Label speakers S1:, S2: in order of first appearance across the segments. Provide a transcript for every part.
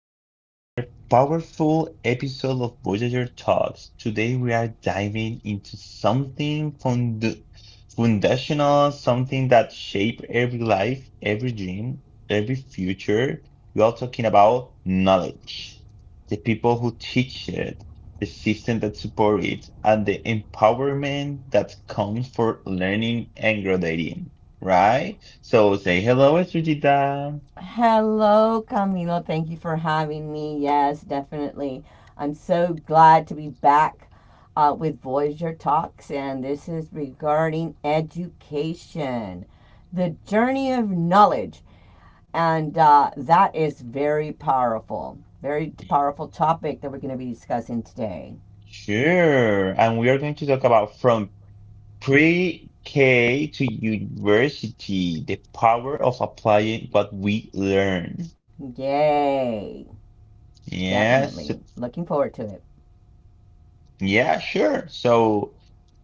S1: to another powerful episode of Voyager Talks. Today we are diving into something fund foundational, something that shape every life, every dream, every future. We are talking about knowledge, the people who teach it, the system that support it, and the empowerment that comes for learning and graduating right? So say hello, Sujita.
S2: Hello, Camilo. Thank you for having me. Yes, definitely. I'm so glad to be back with Voyager Talks, and this is regarding education, the journey of knowledge. And that is very powerful topic that we're going to be discussing today.
S1: Sure. And we are going to talk about from pre-K to university, the power of applying what we learn.
S2: Yay!
S1: Yes.
S2: Definitely. Looking forward to it.
S1: Yeah, sure. So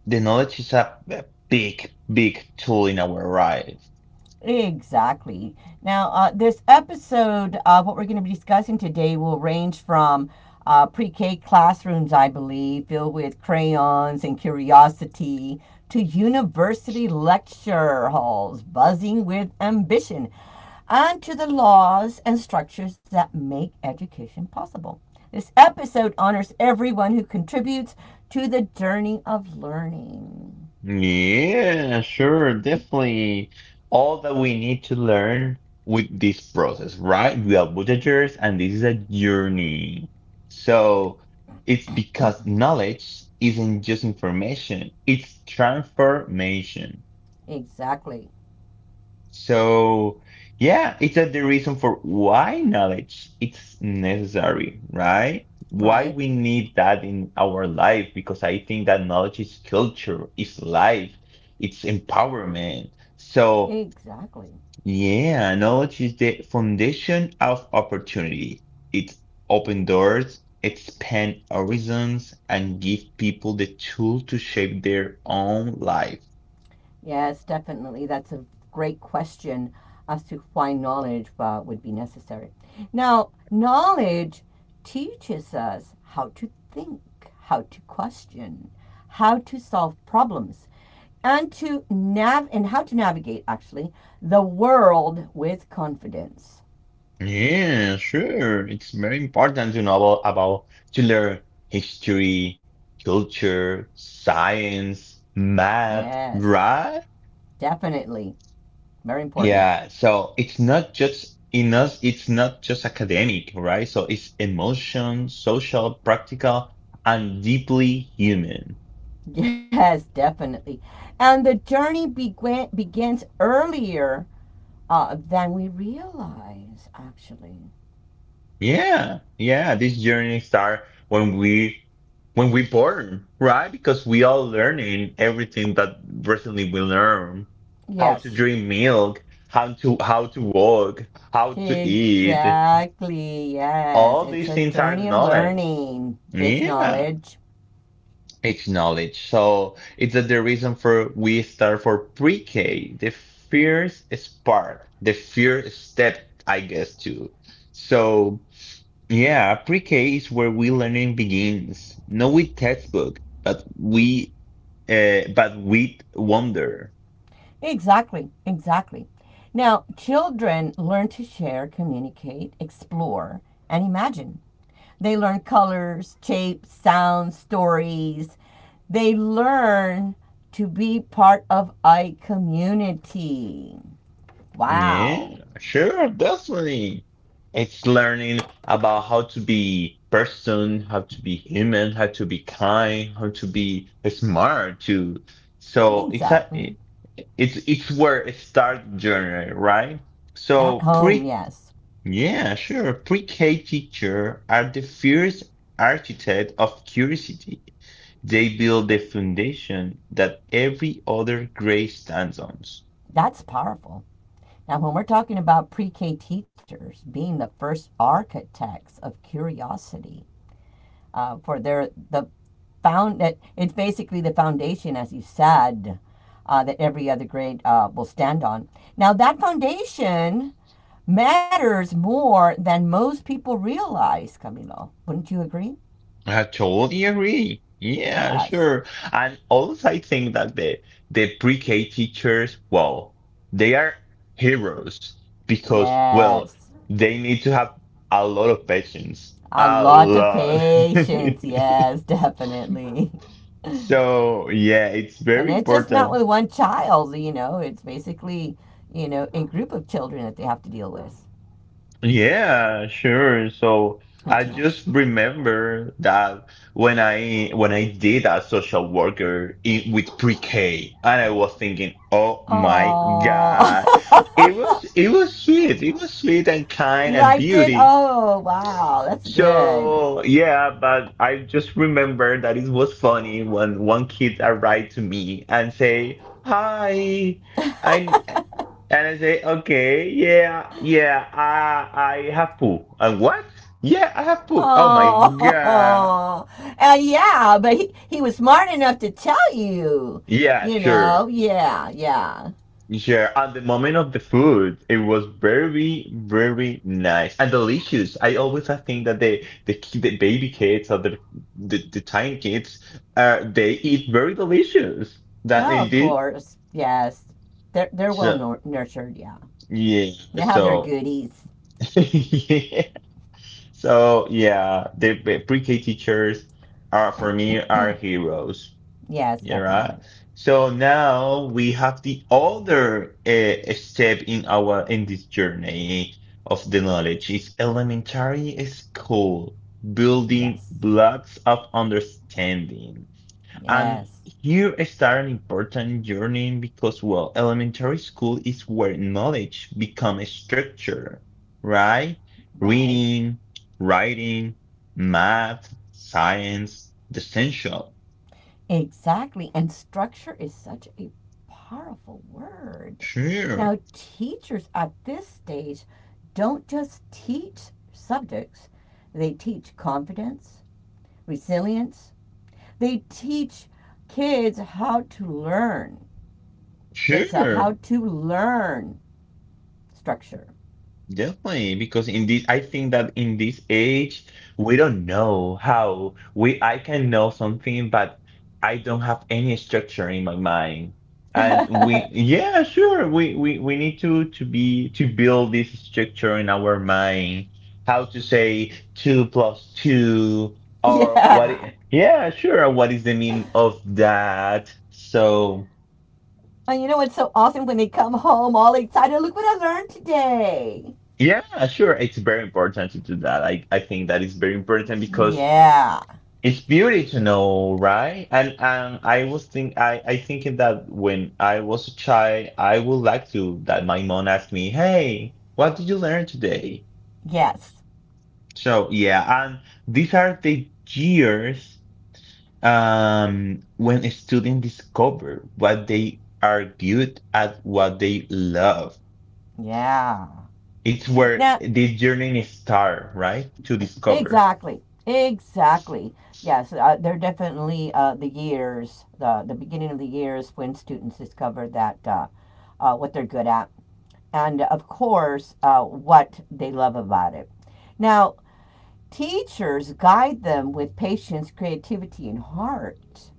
S1: the knowledge is a big, big tool in our life.
S2: Exactly. Now, this episode, what we're going to be discussing today will range from pre K classrooms, I believe, filled with crayons and curiosity, to university lecture halls buzzing with ambition, and to the laws and structures that make education possible. This episode honors everyone who contributes to the journey of learning.
S1: Yeah, sure, definitely. All that we need to learn with this process, right? We are Buddhagers, and this is a journey. So it's because knowledge isn't just information, it's transformation.
S2: Exactly.
S1: So, yeah, it's that the reason for why knowledge it's necessary, right? Why
S2: Right?
S1: we need that in our life, because I think that knowledge is culture, is life, it's empowerment. So,
S2: Exactly.
S1: yeah, knowledge is the foundation of opportunity. It open doors, expand horizons, and give people the tool to shape their own life.
S2: Yes, definitely. That's a great question as to why knowledge would be necessary. Now, knowledge teaches us how to think, how to question, how to solve problems, and how to navigate actually the world with confidence.
S1: Yeah, sure. It's very important to know about to learn history, culture, science, math,
S2: Yes,
S1: right?
S2: definitely. Very important.
S1: Yeah, so it's not just in us, it's not just academic, right? So it's emotion, social, practical, and deeply human.
S2: Yes, definitely. And the journey begins earlier than we realize, actually.
S1: Yeah, yeah, this journey start when we born, right? Because we all learning everything that recently we learn. How to
S2: Yes,
S1: drink milk, how to walk, how to eat.
S2: exactly. Yes,
S1: All
S2: it's
S1: these
S2: a
S1: things are
S2: journey of
S1: knowledge.
S2: learning, it's
S1: Yeah.
S2: knowledge.
S1: It's knowledge. So it's that the reason for we start for pre-K, the first spark, the first step, I guess too. So yeah, pre-K is where we learning begins, not with textbook, but we but with wonder.
S2: Exactly, exactly. Now, children learn to share, communicate, explore, and imagine. They learn colors, shapes, sounds, stories. They learn to be part of a community.
S1: Yeah,
S2: Wow.
S1: sure, definitely. It's learning about how to be person, how to be human, how to be kind, how to be smart too. So
S2: Exactly.
S1: it's where it starts journey, right?
S2: At
S1: So
S2: home,
S1: pre.
S2: yes.
S1: Yeah, sure. Pre-K teacher are the first architect of curiosity. They build the foundation that every other grade stands on.
S2: That's powerful. Now, when we're talking about pre K teachers being the first architects of curiosity, the found that it's basically the foundation, as you said, that every other grade will stand on. Now, that foundation matters more than most people realize, Camilo. Wouldn't you agree?
S1: I totally agree. Yeah,
S2: Yes,
S1: sure. And also, I think that the pre-K teachers, well, they are heroes because, well,
S2: yes.
S1: they need to have a lot of patience,
S2: A
S1: a
S2: lot of
S1: lot.
S2: patience. Yes, definitely.
S1: So yeah, it's
S2: And
S1: very
S2: it's just not
S1: important.
S2: with one child, you know, it's basically, you know, a group of children that they have to deal with
S1: Yeah, sure. So
S2: and
S1: I
S2: teach.
S1: just remember that when I did a social worker in, with pre-K, and I was thinking, oh my
S2: Oh,
S1: God, it was sweet, it was sweet and kind
S2: you
S1: and
S2: liked it?
S1: beauty.
S2: Oh, wow, that's good.
S1: So yeah, but I just remember that it was funny when one kid arrived to me and say, "Hi, I and I say, okay, yeah, yeah, I have poop. And what? Yeah, I have poop. Oh my God.
S2: Oh, and yeah, but he was smart enough to tell you,
S1: Yeah,
S2: you
S1: sure.
S2: know, yeah, yeah.
S1: Sure. At the moment of the food, it was very, very nice and delicious. I think that the baby kids or the tiny kids, they eat very delicious. That
S2: Oh, of
S1: indeed.
S2: course, yes. They're well
S1: So
S2: nur- nurtured, yeah.
S1: yeah.
S2: They have their
S1: So
S2: goodies.
S1: yeah. So yeah, the pre-K teachers are for me are heroes.
S2: Yes,
S1: Yeah, right.
S2: definitely.
S1: So now we have the other step in this journey of the knowledge is elementary school, building
S2: Yes,
S1: blocks of understanding. And
S2: yes.
S1: here starts an important journey because, well, elementary school is where knowledge becomes structure, right?
S2: Right.
S1: Reading, writing, math, science, the essential.
S2: Exactly. And structure is such a powerful word.
S1: Sure,
S2: Now, teachers at this stage don't just teach subjects, they teach confidence, resilience, they teach kids how to learn. It's a
S1: sure.
S2: how to learn structure.
S1: Definitely, because in this, I think that in this age, we don't know how we, I can know something, but I don't have any structure in my mind. And
S2: yeah.
S1: we, yeah, sure, we need to, to build this structure in our mind, how to say two plus two or what, yeah, sure, what is the meaning of that? So,
S2: And you know what's so awesome when they come home all excited? Look what I learned today.
S1: yeah, sure, it's very important to do that. I think that is very important because
S2: Yeah.
S1: it's beauty to know, right? And I thinking that when I was a child, I would like to that my mom asked me, "Hey, what did you learn today?"
S2: Yes.
S1: So yeah, and these are the years when a student discover what they are good at, what they love.
S2: Yeah.
S1: It's where
S2: Now,
S1: this journey start, right? To discover.
S2: exactly. Exactly. Yes, there are definitely the beginning of the years when students discover that what they're good at and, of course, what they love about it. Now, teachers guide them with patience, creativity, and heart.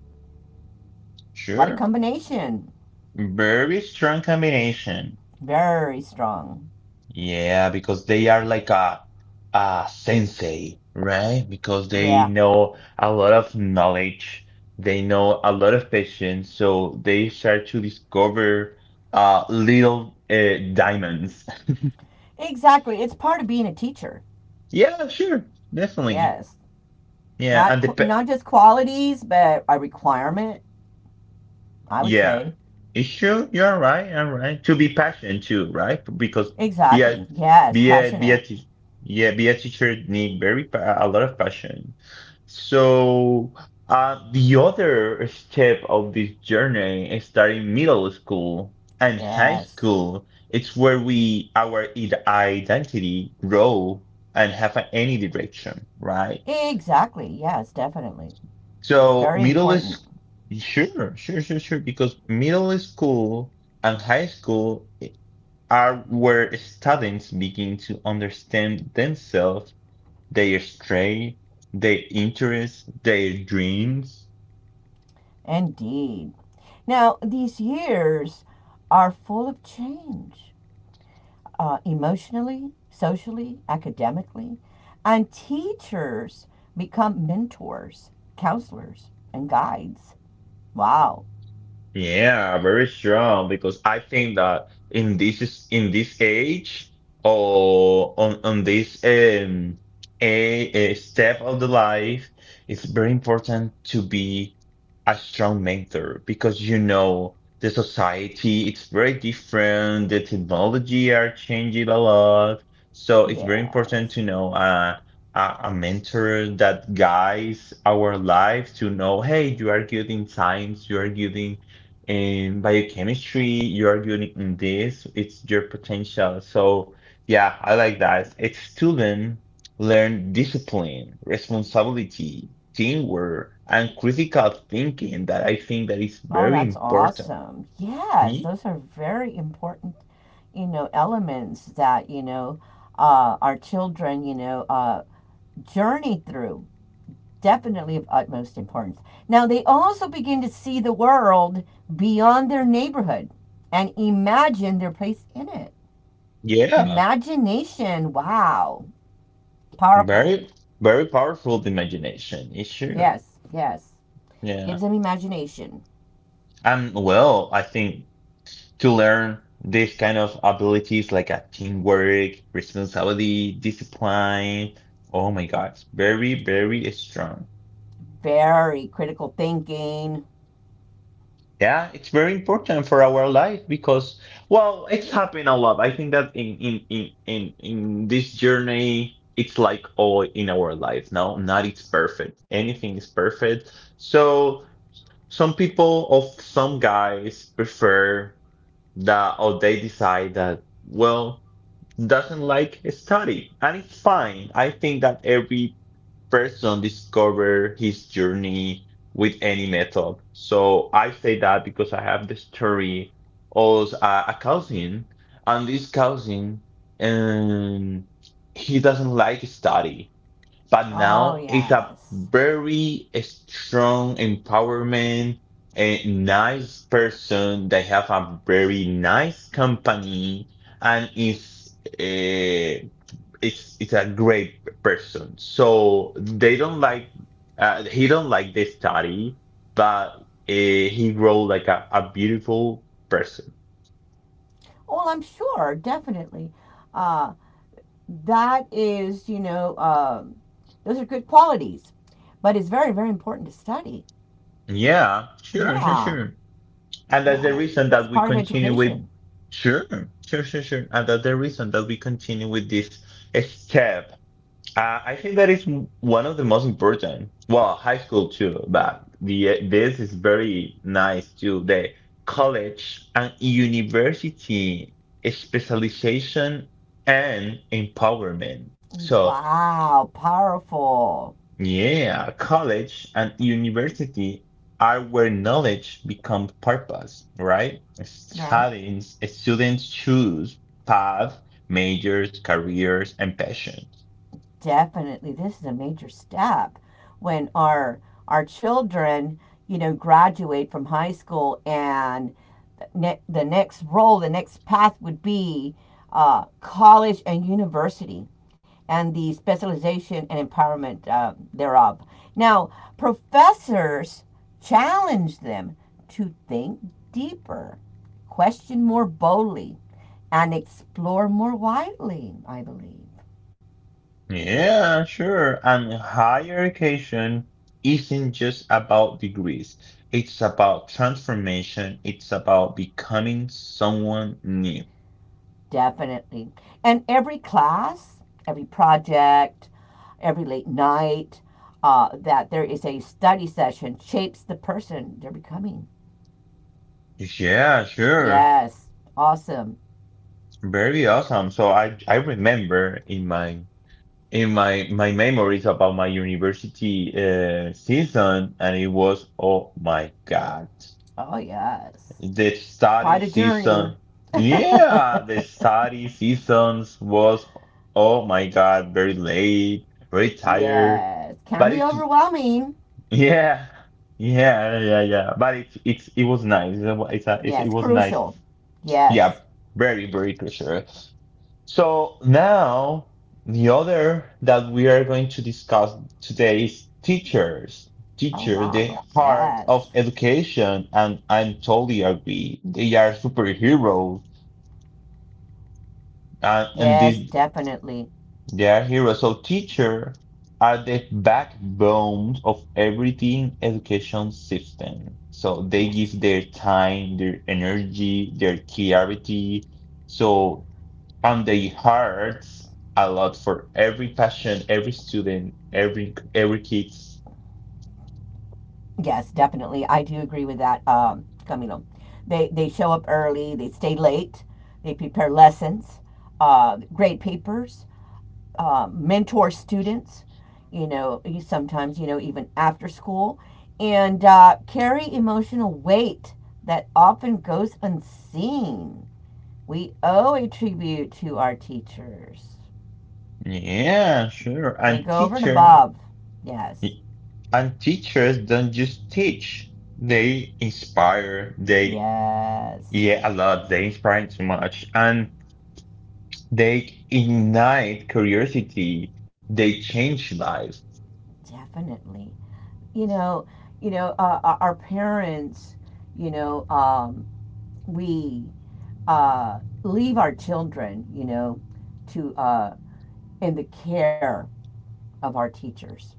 S2: What a
S1: Sure,
S2: combination.
S1: very strong combination.
S2: Very strong.
S1: Yeah, because they are like a sensei, right? Because they
S2: Yeah,
S1: know a lot of knowledge, they know a lot of patience, so they start to discover little diamonds.
S2: exactly. It's part of being a teacher.
S1: Yeah, sure, definitely.
S2: Yes.
S1: Yeah,
S2: Not,
S1: and the
S2: qu-
S1: pa
S2: not just qualities, but a requirement I would
S1: yeah,
S2: say.
S1: it's true. You're right. You're right. To be passionate too, right? Because be a
S2: Exactly. Yes.
S1: be a
S2: Passionate.
S1: teacher. Yeah, be a teacher need very pa a lot of passion. So the other step of this journey is starting middle school and high
S2: Yes.
S1: school. It's where we our identity grow and have any direction, right?
S2: Exactly. Yes, definitely.
S1: So
S2: Very
S1: middle
S2: important.
S1: is sure, sure, sure, sure, because middle school and high school are where students begin to understand themselves, their strength, their interests, their dreams.
S2: Indeed. Now, these years are full of change emotionally, socially, academically, and teachers become mentors, counselors, and guides. Wow.
S1: Yeah, very strong because I think that in in this age or on this a step of the life, it's very important to be a strong mentor because you know the society it's very different, the technology are changing a lot, so it's very important to
S2: Yes.
S1: know a mentor that guides our life to know, hey, you are good in science, you are good in biochemistry, you are good in this, it's your potential. So, yeah, I like that. Its student learn discipline, responsibility, teamwork, and critical thinking that I think that is
S2: Oh,
S1: very
S2: that's
S1: important.
S2: awesome. Yes,
S1: Ye-
S2: those are very important, you know, elements that, you know, our children, you know, journey through. Definitely of utmost importance. Now, they also begin to see the world beyond their neighborhood and imagine their place in it.
S1: yeah,
S2: Imagination, wow, powerful.
S1: very, very powerful the imagination. It's true.
S2: Yes, yes.
S1: Yeah.
S2: Gives them imagination.
S1: And well, I think. To learn these kind of abilities like a teamwork, responsibility, discipline. Oh my God, very, very strong.
S2: Very critical thinking.
S1: Yeah, it's very important for our life because, well, it's happened a lot. I think that in this journey, it's like all in our life. No, not it's perfect. Anything is perfect. So some people of some guys prefer that, or they decide that, well doesn't like study and it's fine. I think that every person discover his journey with any method. So I say that because I have the story of a cousin and this cousin um he doesn't like study, but
S2: Oh,
S1: now it's a
S2: yes.
S1: very strong empowerment, a nice person, they have a very nice company and is it's a great person. So they don't like he don't like the study, but he grow like a beautiful person.
S2: Well, I'm sure, definitely. Uh, that is, you know, those are good qualities, but it's very, very important to study.
S1: Yeah, sure, sure,
S2: Yeah,
S1: sure. And that's the
S2: yeah.
S1: reason
S2: It's
S1: that we
S2: part of
S1: continue with
S2: education.
S1: sure, sure, sure, sure. And that's the reason that we continue with this step. I think that is one of the most important. Well, high school too, but the this is very nice too. The college and university specialization and empowerment. So.
S2: Wow, powerful,
S1: Yeah, college and university are where knowledge becomes purpose, right?
S2: right?
S1: Students choose path, majors, careers, and passions.
S2: Definitely. This is a major step when our children, you know, graduate from high school and ne- the next role, the next path would be college and university. And the specialization and empowerment thereof. Now, professors challenge them to think deeper, question more boldly, and explore more widely, I believe.
S1: Yeah, sure. And higher education isn't just about degrees. It's about transformation. It's about becoming someone new.
S2: Definitely. And every class, every project, every late night, that there is a study session shapes the person they're becoming.
S1: Yeah, sure.
S2: Yes. Awesome.
S1: Very awesome. So I remember in my my memories about my university season, and it was oh my God,
S2: Oh, yes.
S1: the
S2: It's
S1: study
S2: quite a journey.
S1: season. Yeah, the study seasons was oh my God, very late, very tired,
S2: yes, can
S1: but
S2: be
S1: it's
S2: overwhelming.
S1: yeah, yeah. But it was nice. It
S2: Yes,
S1: was nice.
S2: crucial.
S1: Yeah,
S2: Yes.
S1: very very pressure. So now the other that we are going to discuss today is teachers.
S2: Oh,
S1: Teacher, the
S2: wow.
S1: heart
S2: Yes.
S1: of education, and I totally agree. They are superheroes, and,
S2: Yes,
S1: and these
S2: definitely.
S1: they are heroes. So teacher are the backbone of everything education system. So they
S2: Yes.
S1: give their time, their energy, their clarity. So and they hired a lot for every passion, every student, every kids.
S2: Yes, definitely. I do agree with that, Camilo. They show up early, they stay late, they prepare lessons, grade papers, mentor students, you know, sometimes, you know, even after school, and carry emotional weight that often goes unseen. We owe a tribute to our teachers.
S1: Yeah, sure.
S2: They
S1: And
S2: go over and above. Yes.
S1: teachers don't just teach; they inspire. They
S2: Yes.
S1: yeah, a lot. They inspire too much, and they ignite curiosity. They change lives.
S2: Definitely. You know, our- parents, you know, um, we leave our children, you know, to in the care of our teachers,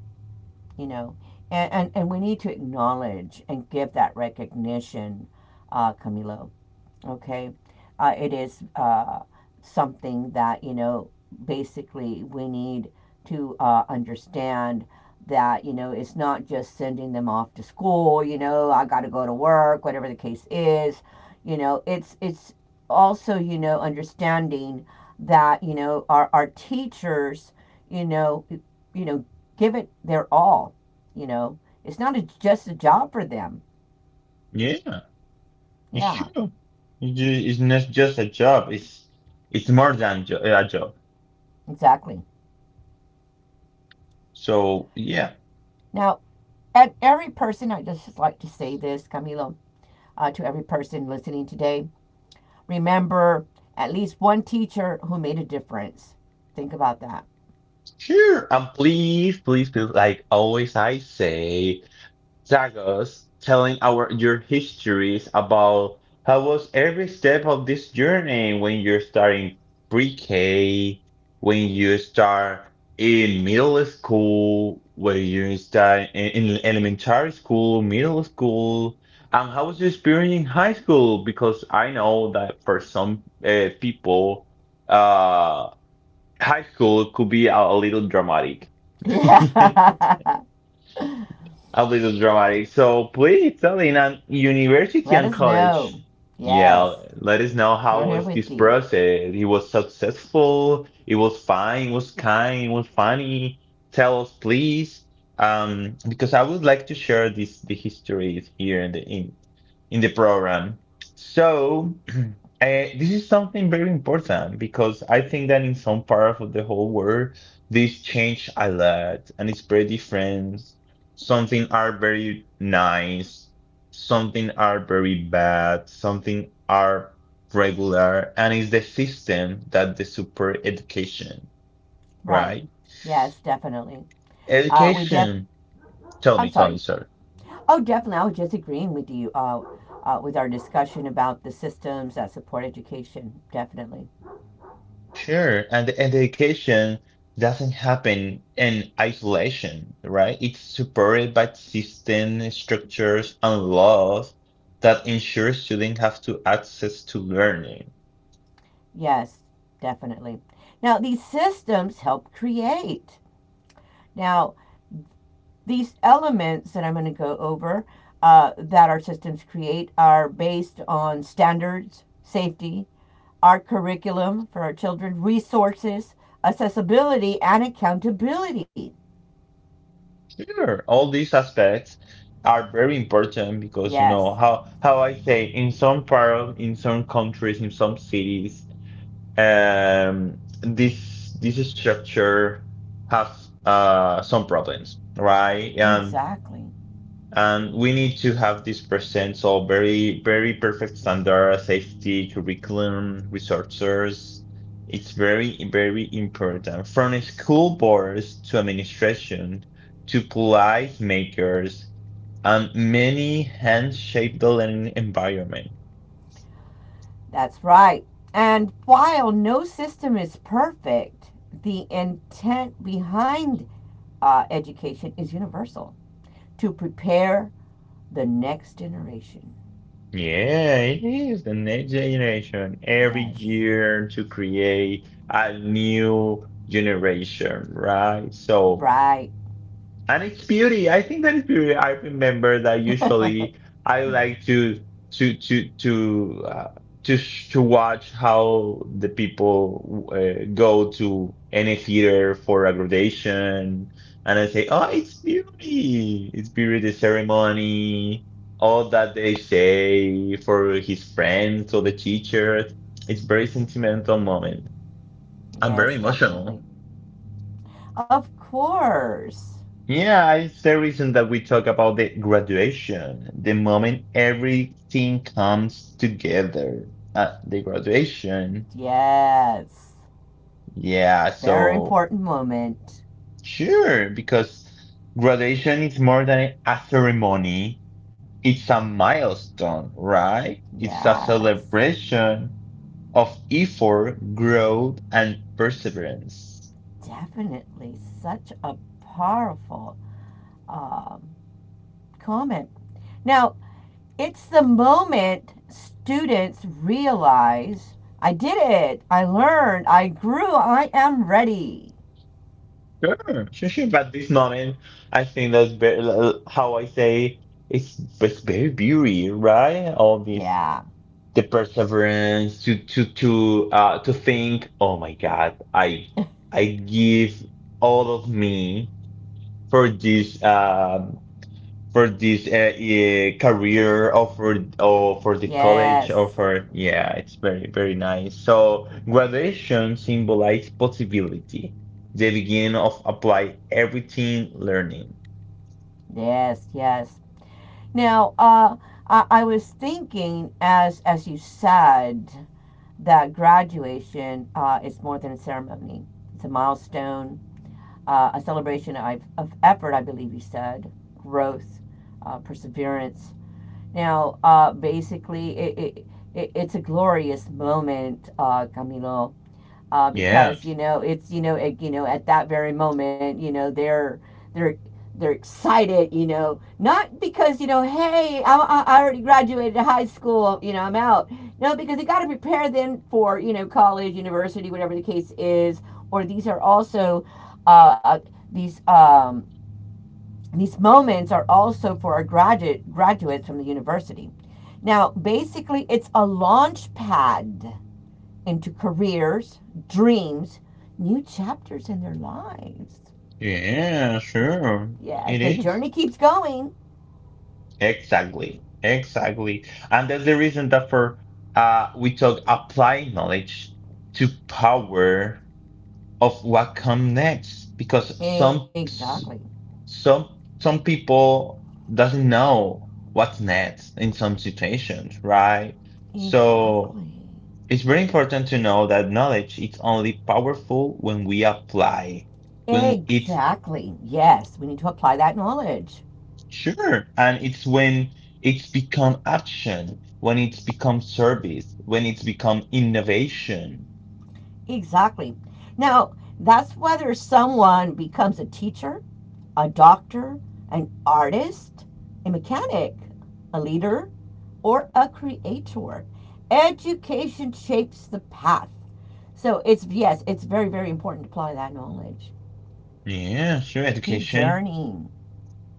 S2: you know. And we need to acknowledge and give that recognition, Camilo. Okay, it is something that, you know, basically we need to understand that, you know, it's not just sending them off to school. You know, I got to go to work, whatever the case is. You know, it's also, you know, understanding that, you know, our teachers, you know, you know, give it their all. You know, it's not a, just a job for them.
S1: Yeah, it's
S2: Yeah,
S1: true. It's not just a job. It's more than a job.
S2: exactly.
S1: So yeah.
S2: Now, and every person, I just like to say this, Camilo, to every person listening today, remember at least one teacher who made a difference. Think about that.
S1: Sure. And please, please, please, like always I say, tag us telling our your histories about how was every step of this journey when you're starting pre-K, when you start in middle school, when you start in elementary school, middle school, and how was your experience in high school? Because I know that for some people, uh high school could be a little dramatic.
S2: Yeah.
S1: A little dramatic. So please tell in an university
S2: Let
S1: and
S2: us know.
S1: college. Yeah,
S2: Yes,
S1: let us know how
S2: we're here
S1: was this
S2: with you.
S1: process. It was successful. It was fine. It was kind. It was funny. Tell us, please, because I would like to share this the histories here in the in the program. So this is something very important because I think that in some parts of the whole world, this changed a lot and it's very different. Something are very nice, something are very bad, something are regular, and it's the system that the super education,
S2: Right.
S1: right?
S2: Yes, definitely. We def.
S1: Education.
S2: I'm
S1: Tell me,
S2: sorry.
S1: sir.
S2: Oh, definitely. I was just agreeing with you. With our discussion about the systems that support education. Definitely.
S1: Sure. And the education doesn't happen in isolation, right? It's supported by system, structures, and laws that ensure students have to access to learning.
S2: Yes, definitely. Now, these systems help create Now, these elements that I'm going to go over that our systems create are based on standards, safety, our curriculum for our children, resources, accessibility, and accountability.
S1: Sure, all these aspects are very important because you know
S2: Yes,
S1: how I say in some part of in some countries in some cities, this structure have some problems, right? and
S2: exactly.
S1: and we need to have this present, so very, very perfect standard safety curriculum resources. It's very, very important from school boards to administration to policy makers and many hands shape the learning environment.
S2: That's right. And while no system is perfect, the intent behind education is universal to prepare the next generation.
S1: Yeah, it is the next generation every
S2: Yes,
S1: year to create a new generation, right? So
S2: right.
S1: and it's beauty. I think that is beauty. I remember that usually I like to to to uh, to watch how the people go to any theater for a graduation, and I say, "Oh, it's beauty. It's beauty. The ceremony, all that they say for his friends or the teacher. It's very sentimental moment. I'm very
S2: Yes,
S1: emotional."
S2: definitely. Of course.
S1: Yeah, it's the reason that we talk about the graduation, the moment everything comes together. The graduation.
S2: Yes.
S1: Yeah,
S2: Very
S1: so
S2: important moment.
S1: sure, because graduation is more than a ceremony, it's a milestone, right? It's a
S2: Yes.
S1: celebration of effort, growth, and perseverance.
S2: Definitely such a powerful um, comment. Now, it's the moment students realize I did it. I learned. I grew. I am ready.
S1: Sure. But this moment, I think that's very, how I say, it's very beauty, right? All this
S2: Yeah.
S1: the perseverance to think, oh my God, I give all of me for this um for this yeah, career or for the college
S2: Yes.
S1: or for, yeah, it's very very nice. So graduation symbolizes possibility, the beginning of apply everything learning.
S2: Yes. Yes. Now, I was thinking as you said that graduation is more than a ceremony, it's a milestone, a celebration of effort, I believe you said, growth, perseverance. Now, basically, it, it's a glorious moment, Camilo,
S1: Yeah,
S2: because, you know, it's, you know, it, you know, at that very moment, you know, they're they're excited, you know, not because, you know, hey, already graduated high school, you know, I'm out. No, because they got to prepare them for, you know, college university, whatever the case is. Or these are also uh, these um, these moments are also for our graduates from the university. Now basically it's a launch pad into careers, dreams, new chapters in their lives.
S1: yeah, sure,
S2: Yes,
S1: it
S2: the
S1: is,
S2: journey keeps going.
S1: exactly, exactly. And that's the reason that for we talk apply knowledge to power of what come next, because some
S2: Exactly.
S1: some some people doesn't know what's next in some situations, right? So
S2: Exactly.
S1: it's very important to know that knowledge is only powerful when we apply, when it's
S2: Exactly. Yes, we need to apply that knowledge.
S1: sure, and it's when it's become action, when it's become service, when it's become innovation.
S2: Exactly. Now, that's whether someone becomes a teacher, a doctor, an artist, a mechanic, a leader, or a creator. Education shapes the path. So it's yes, it's very very important to apply that knowledge.
S1: Yeah, sure,
S2: Keep
S1: education.
S2: journeying.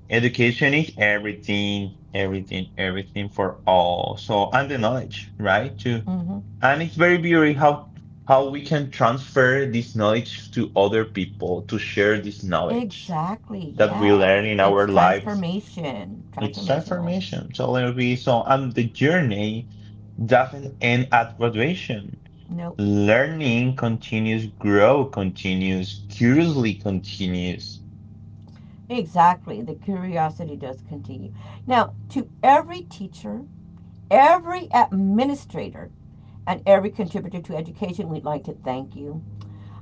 S1: Education is everything, everything, everything for all. So, and the knowledge, right? To
S2: Hmm.
S1: and it's very beautiful how we can transfer this knowledge to other people to share this knowledge
S2: Exactly.
S1: that we
S2: Yes,
S1: learn in
S2: it's
S1: our lives.
S2: transformation,
S1: It's
S2: transformational.
S1: transformation. So it'll be so, and the journey doesn't end at graduation.
S2: No,
S1: Learning continues, grow continues, curiously continues.
S2: exactly. The curiosity does continue. Now, to every teacher, every administrator, and every contributor to education. We'd like to thank you.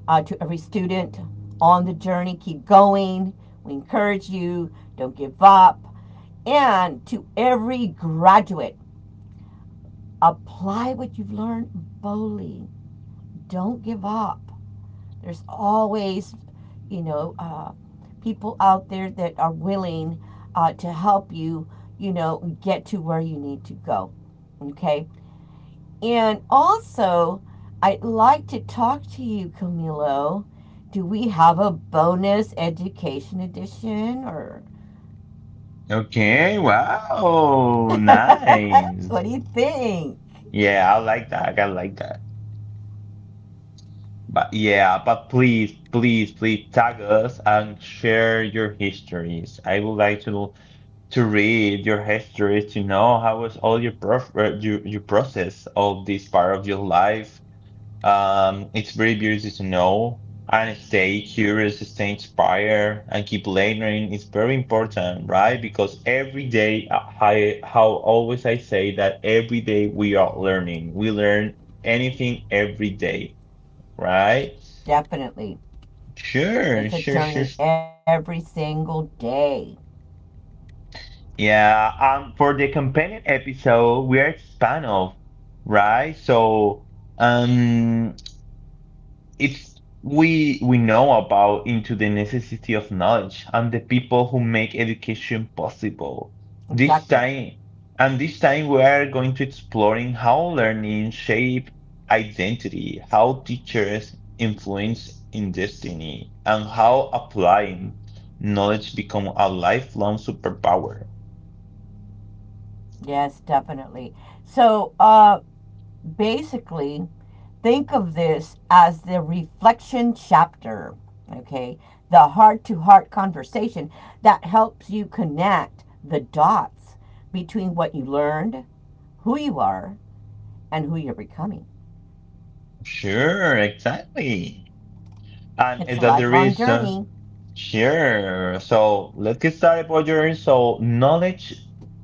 S2: To every student on the journey, keep going. We encourage you, don't give up. And to every graduate, apply what you've learned boldly. Don't give up. There's always, you know, people out there that are willing to help you, you know, get to where you need to go. Okay? And also, I'd like to talk to you, Camilo. Do we have a bonus education edition or
S1: Okay, wow,
S2: what
S1: nice.
S2: do you think?
S1: Yeah, I like that. I like that. But yeah, but please, please, please tag us and share your histories. I would like to read your histories to know how was all your prof your process of this part of your life. It's very beautiful to know, and stay curious, stay inspired, and keep learning. It's very important, right? Because every day, I how always I say that every day we are learning. We learn anything every day, right?
S2: Definitely. It's
S1: Sure,
S2: a
S1: sure, sure,
S2: journey
S1: sure.
S2: every single day.
S1: Yeah, for the companion episode, we are spun off, right? So, um, it's we know about into the necessity of knowledge and the people who make education possible this
S2: Exactly.
S1: time, and this time we are going to exploring how learning shape identity, how teachers influence in destiny, and how applying knowledge become a lifelong superpower.
S2: Yes, definitely. So, basically, think of this as the reflection chapter, okay? The heart to heart conversation that helps you connect the dots between what you learned, who you are, and who you're becoming.
S1: Sure, exactly. And is
S2: It's a
S1: that the
S2: lifelong
S1: reason.
S2: journey.
S1: Sure. So let's get started, Roger. So knowledge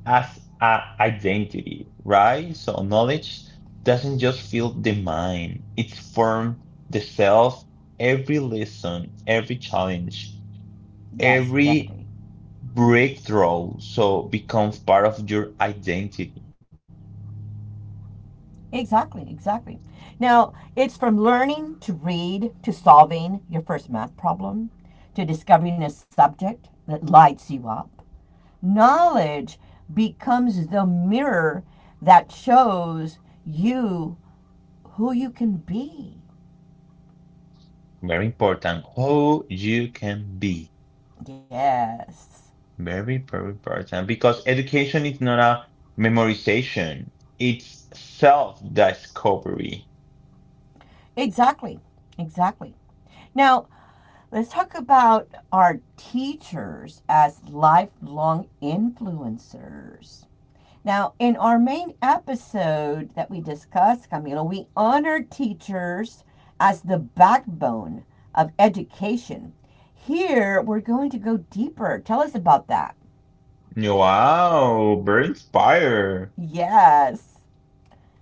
S1: as a identity, right? So knowledge doesn't just fill the mind, it's formed the self, every lesson, every challenge,
S2: Yes,
S1: every
S2: definitely.
S1: breakthrough. So becomes part of your identity.
S2: Exactly, exactly. Now, it's from learning to read to solving your first math problem to discovering a subject that lights you up. Knowledge becomes the mirror that shows you who you can be.
S1: Very important, who you can be.
S2: Yes,
S1: Very, very important because education is not a memorization, it's self-discovery.
S2: exactly. Exactly. Now, let's talk about our teachers as lifelong influencers. Now, in our main episode that we discussed, Camilo, we honored teachers as the backbone of education. Here, we're going to go deeper. Tell us about that.
S1: Wow, very inspired.
S2: Yes,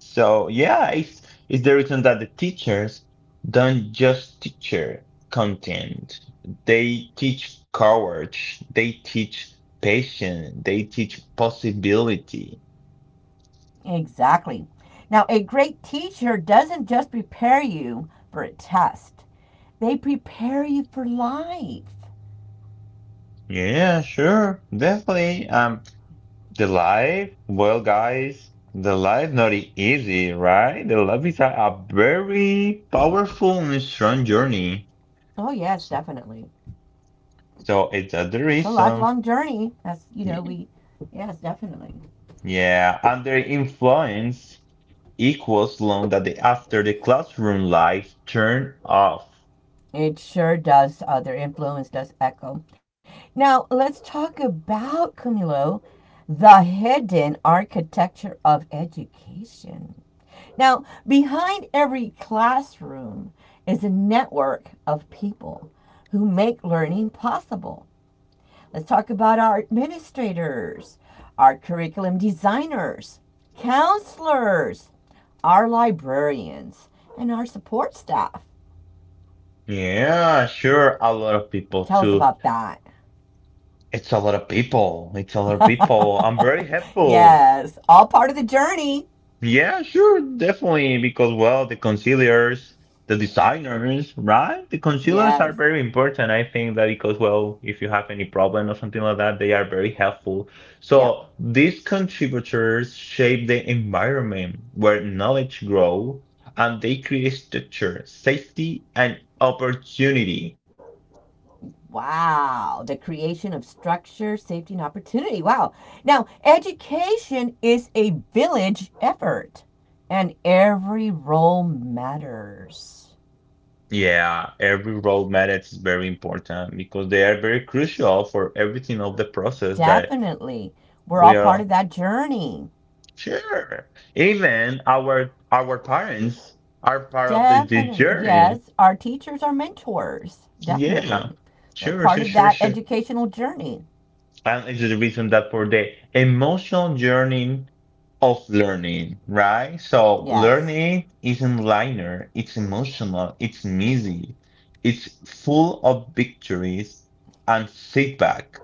S1: So yeah, it's the reason that the teachers don't just teach content. They teach courage, they teach patience, they teach possibility.
S2: exactly. Now, a great teacher doesn't just prepare you for a test, they prepare you for life.
S1: Yeah, sure, definitely. The life, well, guys, the life not easy, right? The life is a very powerful and strong journey.
S2: Oh, yes,
S1: S-
S2: definitely.
S1: So it's a the
S2: It's a
S1: reason,
S2: lifelong journey. That's, you know,
S1: y-
S2: we, yes, definitely.
S1: yeah, under influence equals long that the after the classroom lights turn off.
S2: It sure does. Their influence does echo. Now, let's talk about, Camilo, the hidden architecture of education. Now, behind every classroom is a network of people who make learning possible. Let's talk about our administrators, our curriculum designers, counselors, our librarians, and our support staff.
S1: Yeah, sure, a lot of people
S2: Tell us
S1: too.
S2: about that.
S1: It's a lot of people. It's a lot of people. I'm very helpful.
S2: yes, all part of the journey.
S1: Yeah, sure, definitely. Because, well, the concealers, the designers, right? The concealers are
S2: Yes.
S1: very important. I think that because, well, if you have any problem or something like that, they are very helpful.
S2: Yeah.
S1: So these contributors shape the environment where knowledge grow, and they create structure, safety, and opportunity.
S2: Wow, the creation of structure, safety, and opportunity. Wow. Now, education is a village effort, and every role matters.
S1: Yeah, every role matters is very important because they are very crucial for everything of the process that
S2: Definitely. We're
S1: we
S2: all part
S1: are.
S2: of that journey.
S1: Sure. Even our parents are part of this
S2: Definitely.
S1: journey.
S2: Yes, our teachers are mentors.
S1: Yeah.
S2: Definitely. They're
S1: Sure, sure,
S2: part of
S1: sure,
S2: that
S1: sure.
S2: educational journey.
S1: And it's the reason that for the emotional journey of learning, right? So
S2: Yes.
S1: learning isn't linear, it's emotional, it's messy, it's full of victories and setback.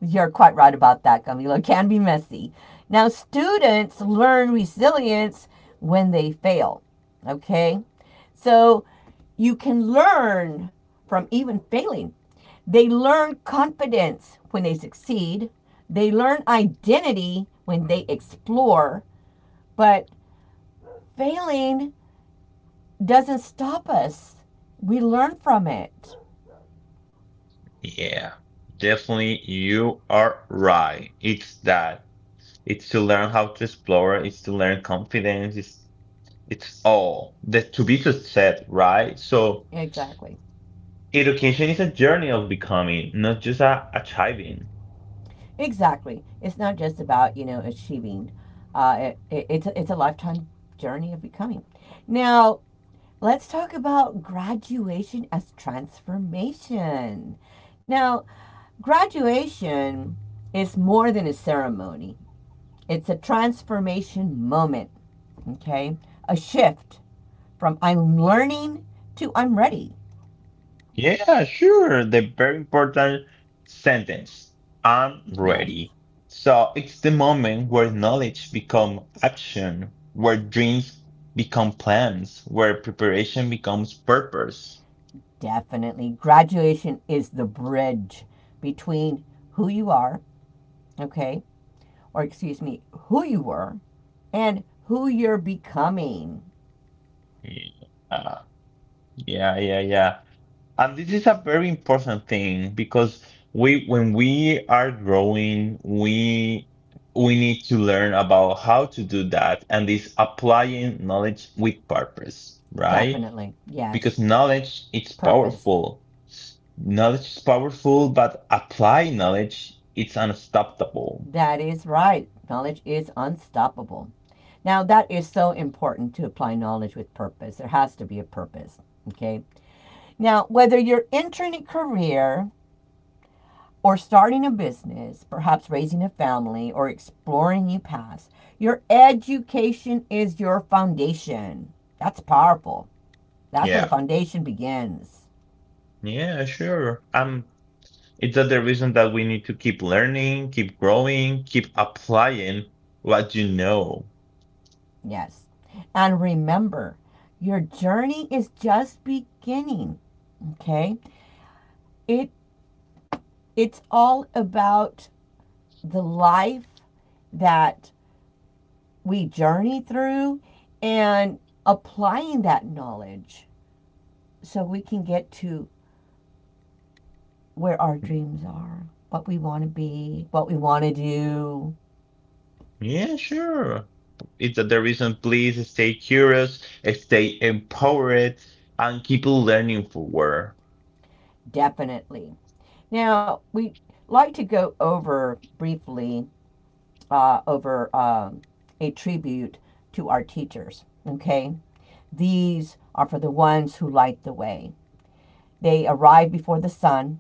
S2: You're quite right about that, Camilo. It can be messy. Now, students learn resilience when they fail. Okay? So you can learn from even failing. They learn confidence when they succeed, they learn identity when they explore, but failing doesn't stop us. We learn from it.
S1: Yeah, definitely you are right. It's that. It's to learn how to explore. It's to learn confidence. It's all that to be success, right? So
S2: Exactly.
S1: education is a journey of becoming, not just a achieving.
S2: Exactly. It's not just about, achieving. It's a lifetime journey of becoming. Now, let's talk about graduation as transformation. Now, graduation is more than a ceremony, it's a transformation moment, okay? A shift from I'm learning to I'm ready.
S1: Yeah, sure. The very important sentence. I'm
S2: Yes,
S1: ready. So it's the moment where knowledge become action, where dreams become plans, where preparation becomes purpose.
S2: definitely. Graduation is the bridge between who you are, okay, or excuse me, who you were and who you're becoming.
S1: Yeah, yeah, yeah, yeah. And this is a very important thing because we, when we are growing, we need to learn about how to do that, and this applying knowledge with purpose, right?
S2: Definitely. Yes.
S1: Because knowledge it's
S2: Purpose.
S1: powerful. Knowledge is powerful, but apply knowledge it's unstoppable.
S2: That is right. Knowledge is unstoppable. Now, that is so important to apply knowledge with purpose. There has to be a purpose. Okay. Now, whether you're entering a career or starting a business, perhaps raising a family or exploring new paths, your education is your foundation. That's powerful. That's where the
S1: Yeah.
S2: foundation begins.
S1: Yeah, sure. It's the reason that we need to keep learning, keep growing, keep applying what you know.
S2: Yes. And remember, your journey is just beginning, okay? It it's all about the life that we journey through and applying that knowledge so we can get to where our dreams are, what we want to be, what we want to do,
S1: Yeah, sure. It's the reason, please stay curious, stay empowered, and keep learning forward.
S2: definitely. Now, we like to go over briefly over a tribute to our teachers. Okay? These are for the ones who light the way. They arrive before the sun,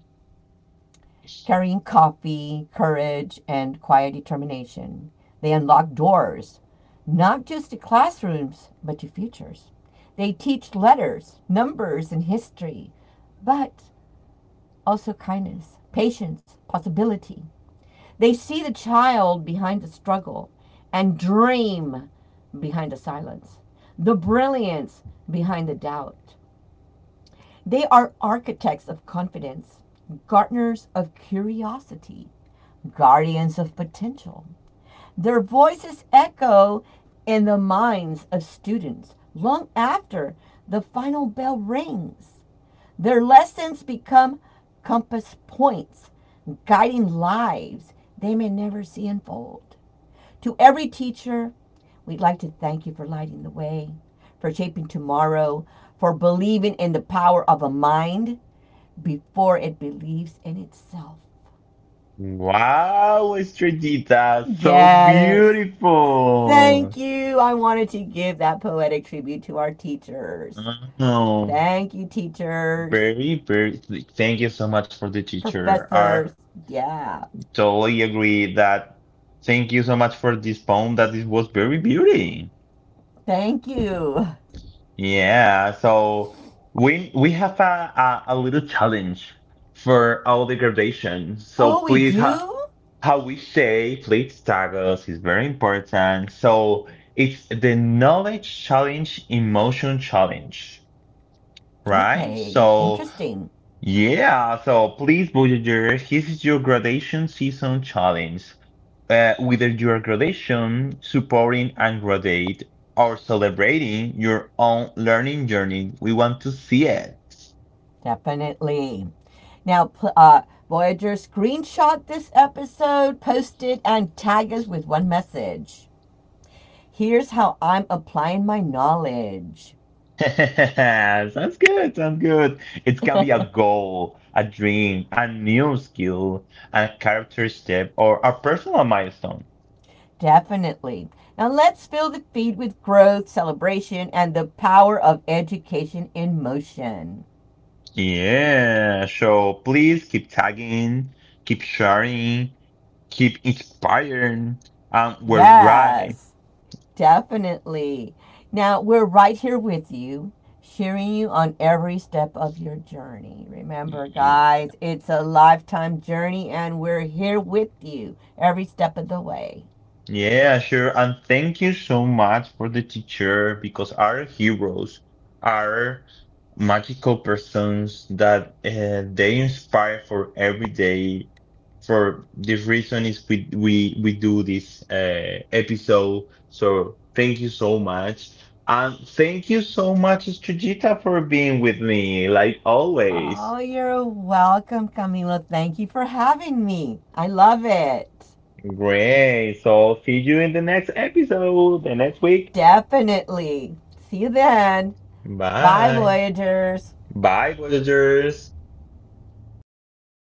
S2: carrying coffee, courage, and quiet determination. They unlock doors, not just to classrooms, but to futures. They teach letters, numbers, and history, but also kindness, patience, possibility. They see the child behind the struggle and dream behind the silence, the brilliance behind the doubt. They are architects of confidence, gardeners of curiosity, guardians of potential. Their voices echo in the minds of students long after the final bell rings. Their lessons become compass points, guiding lives they may never see unfold. To every teacher, we'd like to thank you for lighting the way, for shaping tomorrow, for believing in the power of a mind before it believes in itself.
S1: Wow, Estrellita, so
S2: Yes.
S1: beautiful.
S2: Thank you. I wanted to give that poetic tribute to our teachers.
S1: Oh,
S2: Thank you, teachers,
S1: very, very. Thank you so much for the teacher. I
S2: professors. Yeah.
S1: totally agree that. Thank you so much for this poem. That it was very beauty.
S2: Thank you.
S1: Yeah, so we have a little challenge for all the graduation. So
S2: Oh, we
S1: please, ha,
S2: do?
S1: how we say, please tag us is very important. So it's the knowledge challenge, emotion challenge, right?
S2: Okay.
S1: So
S2: Interesting.
S1: yeah, so please, Voyager, here's your gradation season challenge. Whether your gradation, supporting and grade, or celebrating your own learning journey, we want to see it.
S2: Definitely. Now, uh, Voyager screenshot this episode, post it, and tag us with one message. Here's how I'm applying my knowledge.
S1: Sounds good, sounds good. It can be a goal, a dream, a new skill, a character step, or a personal milestone.
S2: Definitely. Now, let's fill the feed with growth, celebration, and the power of education in motion.
S1: Yeah, so please keep tagging, keep sharing, keep inspiring, and we're right.
S2: Yes. Definitely. Now, we're right here with you, cheering you on every step of your journey. Remember,
S1: Yeah,
S2: guys, it's a lifetime journey, and we're here with you every step of the way.
S1: yeah, sure, and thank you so much for the teacher because our heroes are magical persons that they inspire for every day. For this reason is we do this episode, so thank you so much, and thank you so much, Estrellita, for being with me like
S2: Oh,
S1: always.
S2: you're welcome, Camila. Thank you for having me. I love it.
S1: Great. So see you in the next episode, the next week.
S2: Definitely. See you then. Bye,
S1: Bye.
S2: Voyagers.
S1: Bye, Voyagers.